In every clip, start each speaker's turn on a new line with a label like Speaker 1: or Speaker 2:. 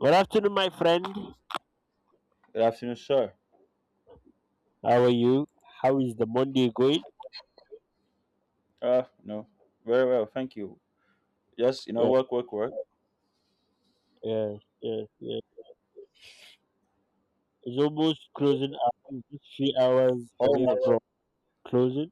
Speaker 1: Good afternoon, my friend.
Speaker 2: Good afternoon, sir.
Speaker 1: How are you? How is the Monday going?
Speaker 2: No, very well, thank you. Yes, you know,
Speaker 1: Yeah,
Speaker 2: work, work, work.
Speaker 1: yeah, yeah, yeah. It's almost closing out. It's just 3 hours away
Speaker 2: Almost.
Speaker 1: from closing.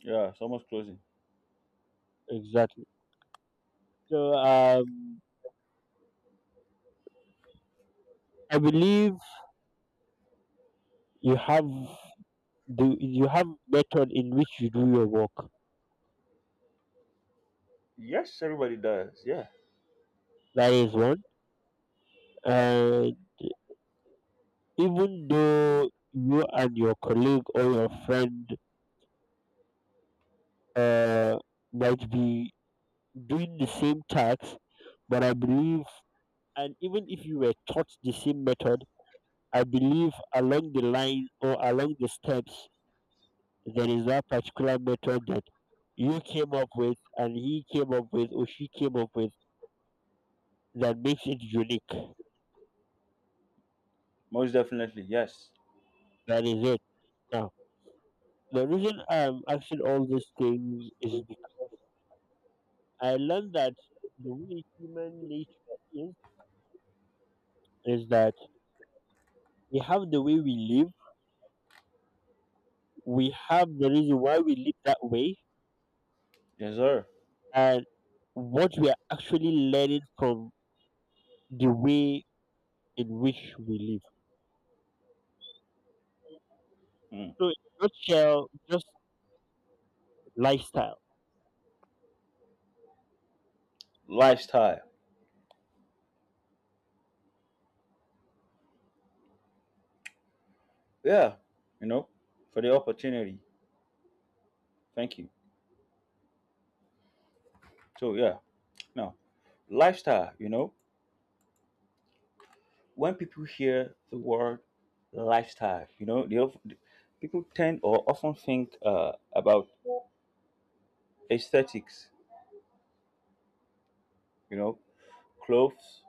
Speaker 2: Yeah, it's almost closing.
Speaker 1: Exactly. So, um, I believe you have the you have method in which you do your work.
Speaker 2: Yes, everybody does. Yeah,
Speaker 1: That is one. And even though you and your colleague or your friend uh might be doing the same task, but I believe and even if you were taught the same method, I believe along the line or along the steps, there is that particular method that you came up with and he came up with or she came up with that makes it unique.
Speaker 2: most definitely. Yes,
Speaker 1: That is it. Now, the reason I'm asking all these things is because I learned that the way human nature is, is that we have the way we live, we have the reason why we live that way,
Speaker 2: yes, sir.
Speaker 1: and what we are actually learning from the way in which we live.
Speaker 2: Mm.
Speaker 1: So, in a nutshell, just lifestyle.
Speaker 2: Lifestyle. Yeah, you know, for the opportunity. Thank you. So yeah, no lifestyle. You know, when people hear the word lifestyle, you know, people tend or often think about aesthetics. You know, clothes,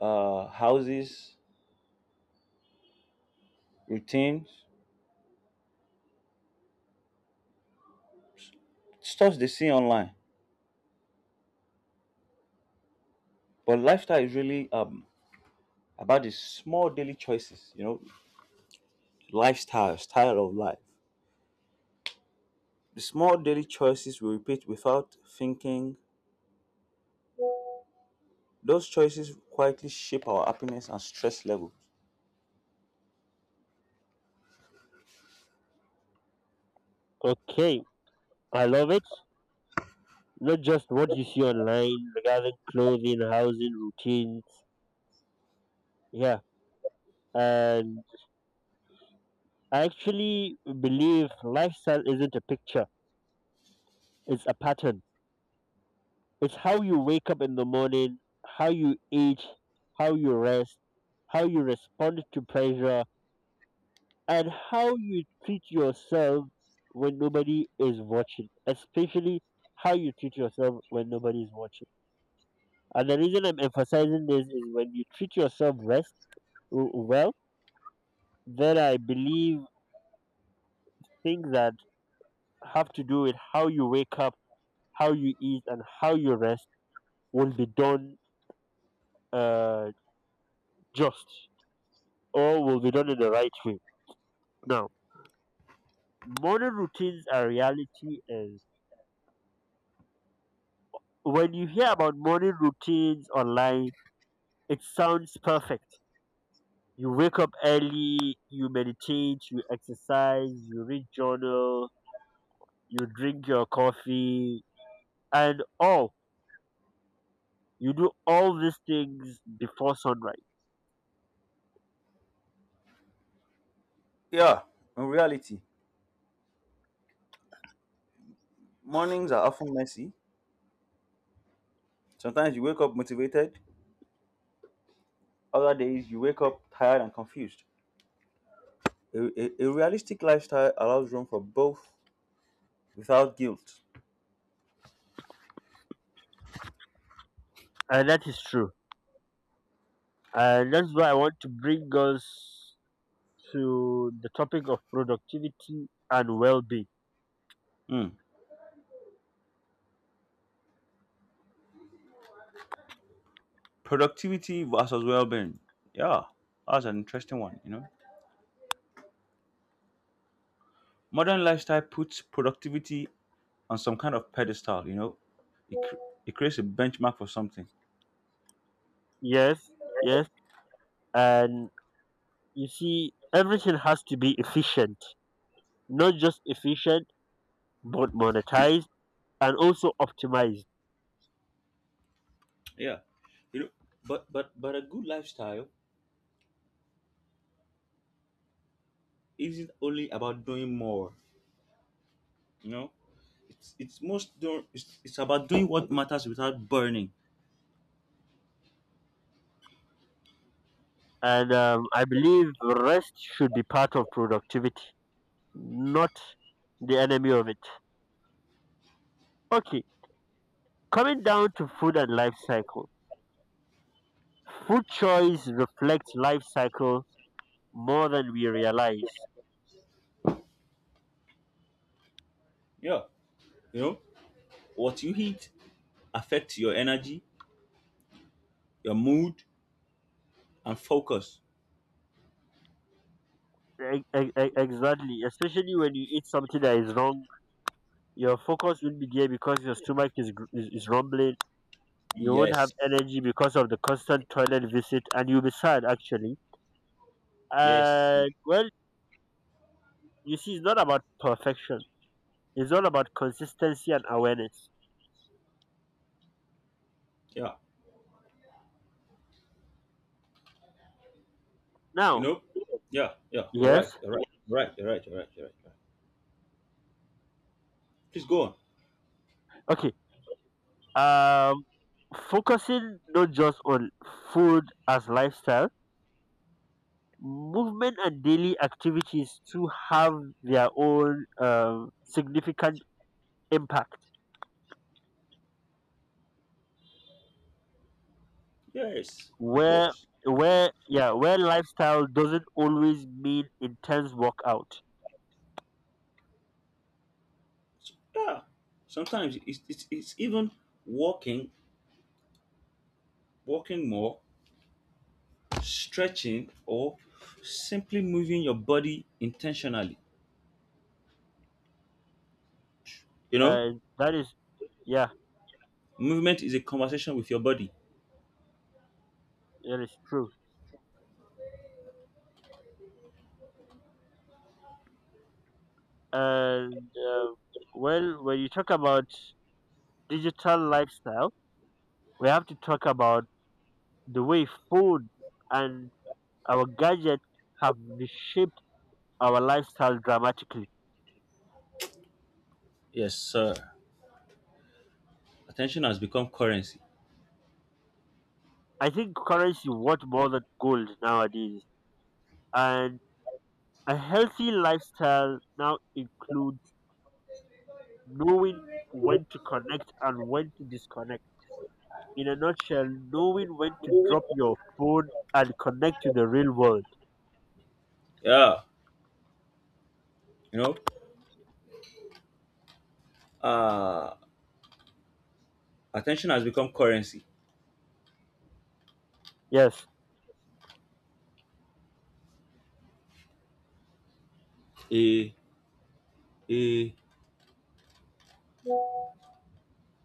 Speaker 2: houses, routines, stuff they see online. But lifestyle is really about the small daily choices, you know, lifestyle, style of life. The small daily choices we repeat without thinking. Those choices quietly shape our happiness and stress levels.
Speaker 1: Okay, I love it. Not just what you see online regarding clothing, housing, routines. Yeah, and I actually believe lifestyle isn't a picture, it's a pattern. It's how you wake up in the morning, how you eat, how you rest, how you respond to pressure, and how you treat yourself when nobody is watching, especially how you treat yourself when nobody is watching. And the reason I'm emphasizing this is when you treat yourself well, then I believe things that have to do with how you wake up, how you eat, and how you rest will be done uh, just or will be done in the right way. Now, morning routines are reality is when you hear about morning routines online, it sounds perfect. You wake up early, you meditate, you exercise, you read journal, you drink your coffee, and all. You do all these things before sunrise.
Speaker 2: Yeah, in reality, mornings are often messy. Sometimes you wake up motivated, other days you wake up tired and confused. A, a realistic lifestyle allows room for both without guilt.
Speaker 1: And that is true. And that's why I want to bring us to the topic of productivity and well being.
Speaker 2: Hmm. Productivity versus well-being, yeah, that's an interesting one. You know, modern lifestyle puts productivity on some kind of pedestal. You know, it, cr- it creates a benchmark for something.
Speaker 1: Yes, yes. And you see, everything has to be efficient, not just efficient, but monetized and also optimized.
Speaker 2: Yeah, you know, but a good lifestyle isn't only about doing more. You know, it's most do- it's about doing what matters without burning.
Speaker 1: And I believe rest should be part of productivity, not the enemy of it. Okay, coming down to food and life cycle. Food choice reflects life cycle more than we realize.
Speaker 2: Yeah, you know, what you eat affects your energy, your mood, and focus.
Speaker 1: Exactly, especially when you eat something that is wrong, your focus will be there because your stomach is, gr- is rumbling. You won't have
Speaker 2: Yes,
Speaker 1: energy because of the constant toilet visit, and you'll be sad actually.
Speaker 2: yes.
Speaker 1: And well, you see, it's not about perfection. It's all about consistency and awareness.
Speaker 2: Yeah. You
Speaker 1: Now,
Speaker 2: know? Yeah, yeah, you're
Speaker 1: yes,
Speaker 2: right, you're right, you're right, you're right, you're right, you're right, you're right. Please go on.
Speaker 1: okay. Um, Focusing not just on food as lifestyle, movement and daily activities too have their own significant impact.
Speaker 2: Yes, of
Speaker 1: Where
Speaker 2: course.
Speaker 1: where lifestyle doesn't always mean intense workout.
Speaker 2: Yeah. Sometimes it's even walking, walking more, stretching, or simply moving your body intentionally. You know,
Speaker 1: And that is yeah
Speaker 2: movement is a conversation with your body.
Speaker 1: that is true. And well, when you talk about digital lifestyle, we have to talk about the way food and our gadgets have reshaped our lifestyle dramatically.
Speaker 2: Yes, sir. Attention has become currency.
Speaker 1: I think currency worth more than gold nowadays, and a healthy lifestyle now includes knowing when to connect and when to disconnect. In a nutshell, knowing when to drop your phone and connect to the real world.
Speaker 2: Yeah. You know, uh, attention has become currency.
Speaker 1: Yes,
Speaker 2: A, a,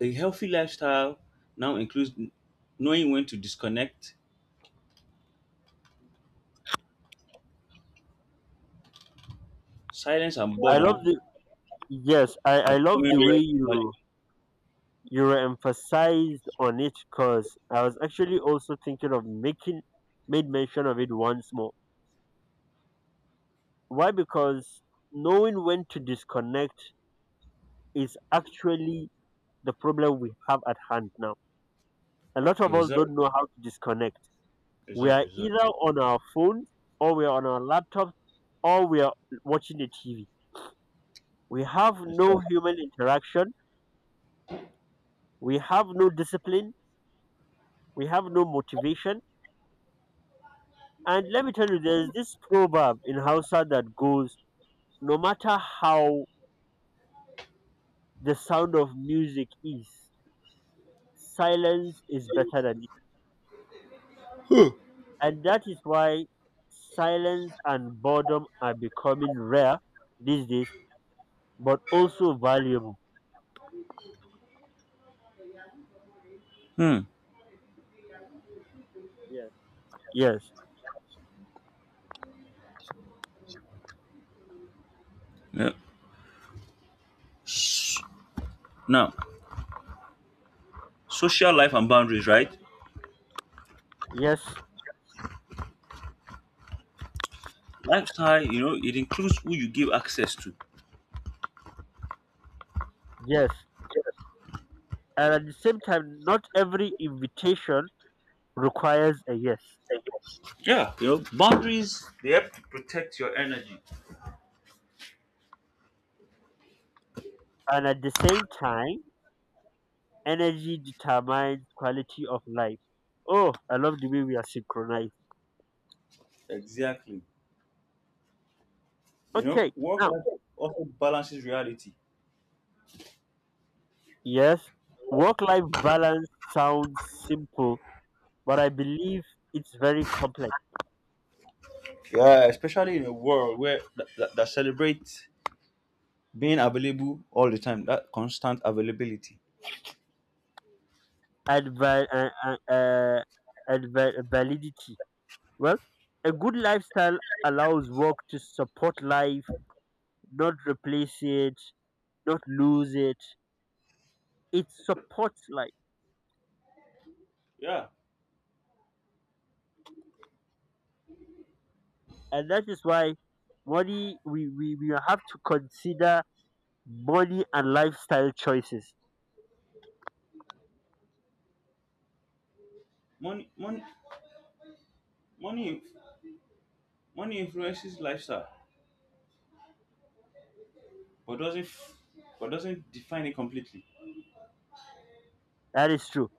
Speaker 2: A healthy lifestyle now includes knowing when to disconnect. Silence and
Speaker 1: I love
Speaker 2: boredom
Speaker 1: the yes, I,
Speaker 2: are
Speaker 1: I love
Speaker 2: becoming
Speaker 1: the way
Speaker 2: real value.
Speaker 1: you emphasized on it because I was actually also thinking of making made mention of it once more. Why? Because knowing when to disconnect is actually the problem we have at hand now. A lot of
Speaker 2: Yes,
Speaker 1: us
Speaker 2: sir.
Speaker 1: don't know how to disconnect.
Speaker 2: Yes,
Speaker 1: We
Speaker 2: sir.
Speaker 1: are
Speaker 2: Yes, sir.
Speaker 1: either on our phones or we are on our laptops or we are watching the TV. We have
Speaker 2: Yes, sir.
Speaker 1: no human interaction. We have no discipline. We have no motivation. And let me tell you, there's this proverb in Hausa that goes, no matter how the sound of music is, silence is better than it. And that is why silence and boredom are becoming rare these days, but also valuable.
Speaker 2: Hmm.
Speaker 1: Yes. Yes.
Speaker 2: Yeah. Now, social life and boundaries, right?
Speaker 1: Yes.
Speaker 2: Lifestyle, you know, it includes who you give access to.
Speaker 1: Yes. And at the same time, not every invitation requires a yes.
Speaker 2: Yeah. You know, boundaries, they help to protect your energy.
Speaker 1: And at the same time, energy determines quality of life. Oh, I love the way we are synchronized.
Speaker 2: Exactly. You know,
Speaker 1: Okay,
Speaker 2: work
Speaker 1: now,
Speaker 2: life also balances reality.
Speaker 1: yes, work life balance sounds simple, but I believe it's very complex
Speaker 2: Yeah, especially in a world where that celebrates being available all the time, that constant availability.
Speaker 1: and, val- uh, uh, uh, and validity. Well, a good lifestyle allows work to support life, not replace it, not lose it. It supports life.
Speaker 2: Yeah,
Speaker 1: And that is why we have to consider money and lifestyle choices.
Speaker 2: money, money, money, money influences lifestyle, but doesn't, but doesn't define it completely.
Speaker 1: That is true.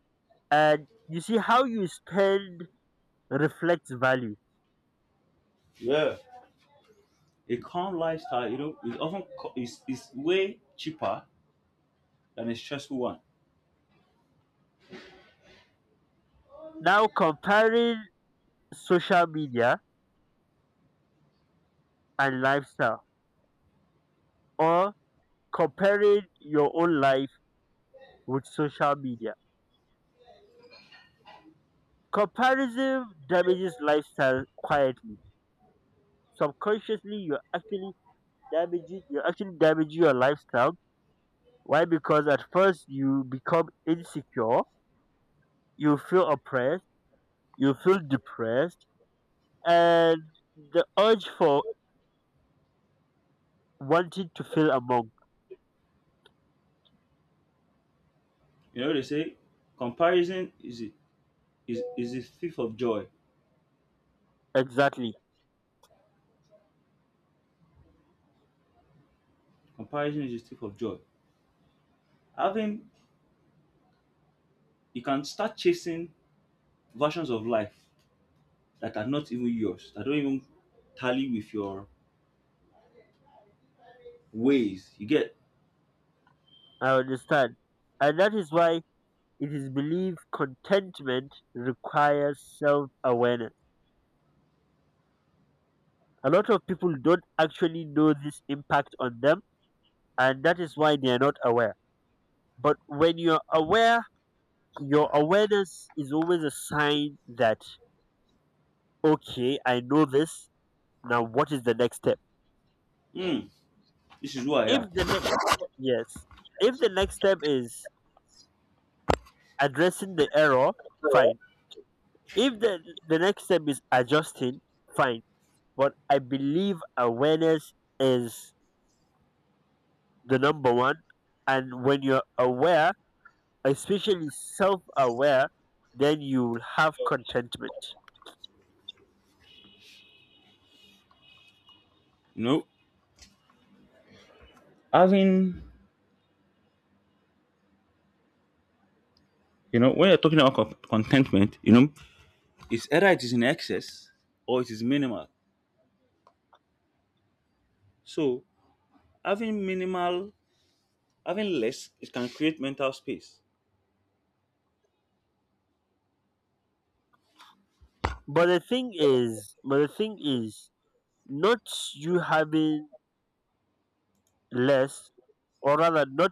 Speaker 1: And you see how you spend reflects value.
Speaker 2: Yeah, a calm lifestyle, you know, is often is way cheaper than a stressful one.
Speaker 1: Now comparing social media and lifestyle or comparing your own life with social media. Comparison damages lifestyle quietly. Subconsciously you're actually damaging your lifestyle. Why? Because at first you become insecure, you feel oppressed, you feel depressed. And the urge for wanting to feel among.
Speaker 2: You know, they say comparison is is a thief of joy.
Speaker 1: Exactly.
Speaker 2: Comparison is a thief of joy. Having, you can start chasing versions of life that are not even yours, that don't even tally with your ways. You get,
Speaker 1: I understand. And that is why it is believed contentment requires self awareness. A lot of people don't actually know this impact on them, and that is why they are not aware. But when you're aware, your awareness is always a sign that, okay, I know this. Now, what is the next step?
Speaker 2: mm, this is who I
Speaker 1: If
Speaker 2: am.
Speaker 1: the next Yes. If the next step is addressing the error, fine. If the next step is adjusting, fine. But I believe awareness is the number one. And when you're aware, especially self-aware, then you'll have contentment.
Speaker 2: You know, having, you know, when you're talking about contentment, you know, it's either it is in excess or it is minimal. So having minimal, having less, it can create mental space.
Speaker 1: But the thing is, not you having less, or rather, not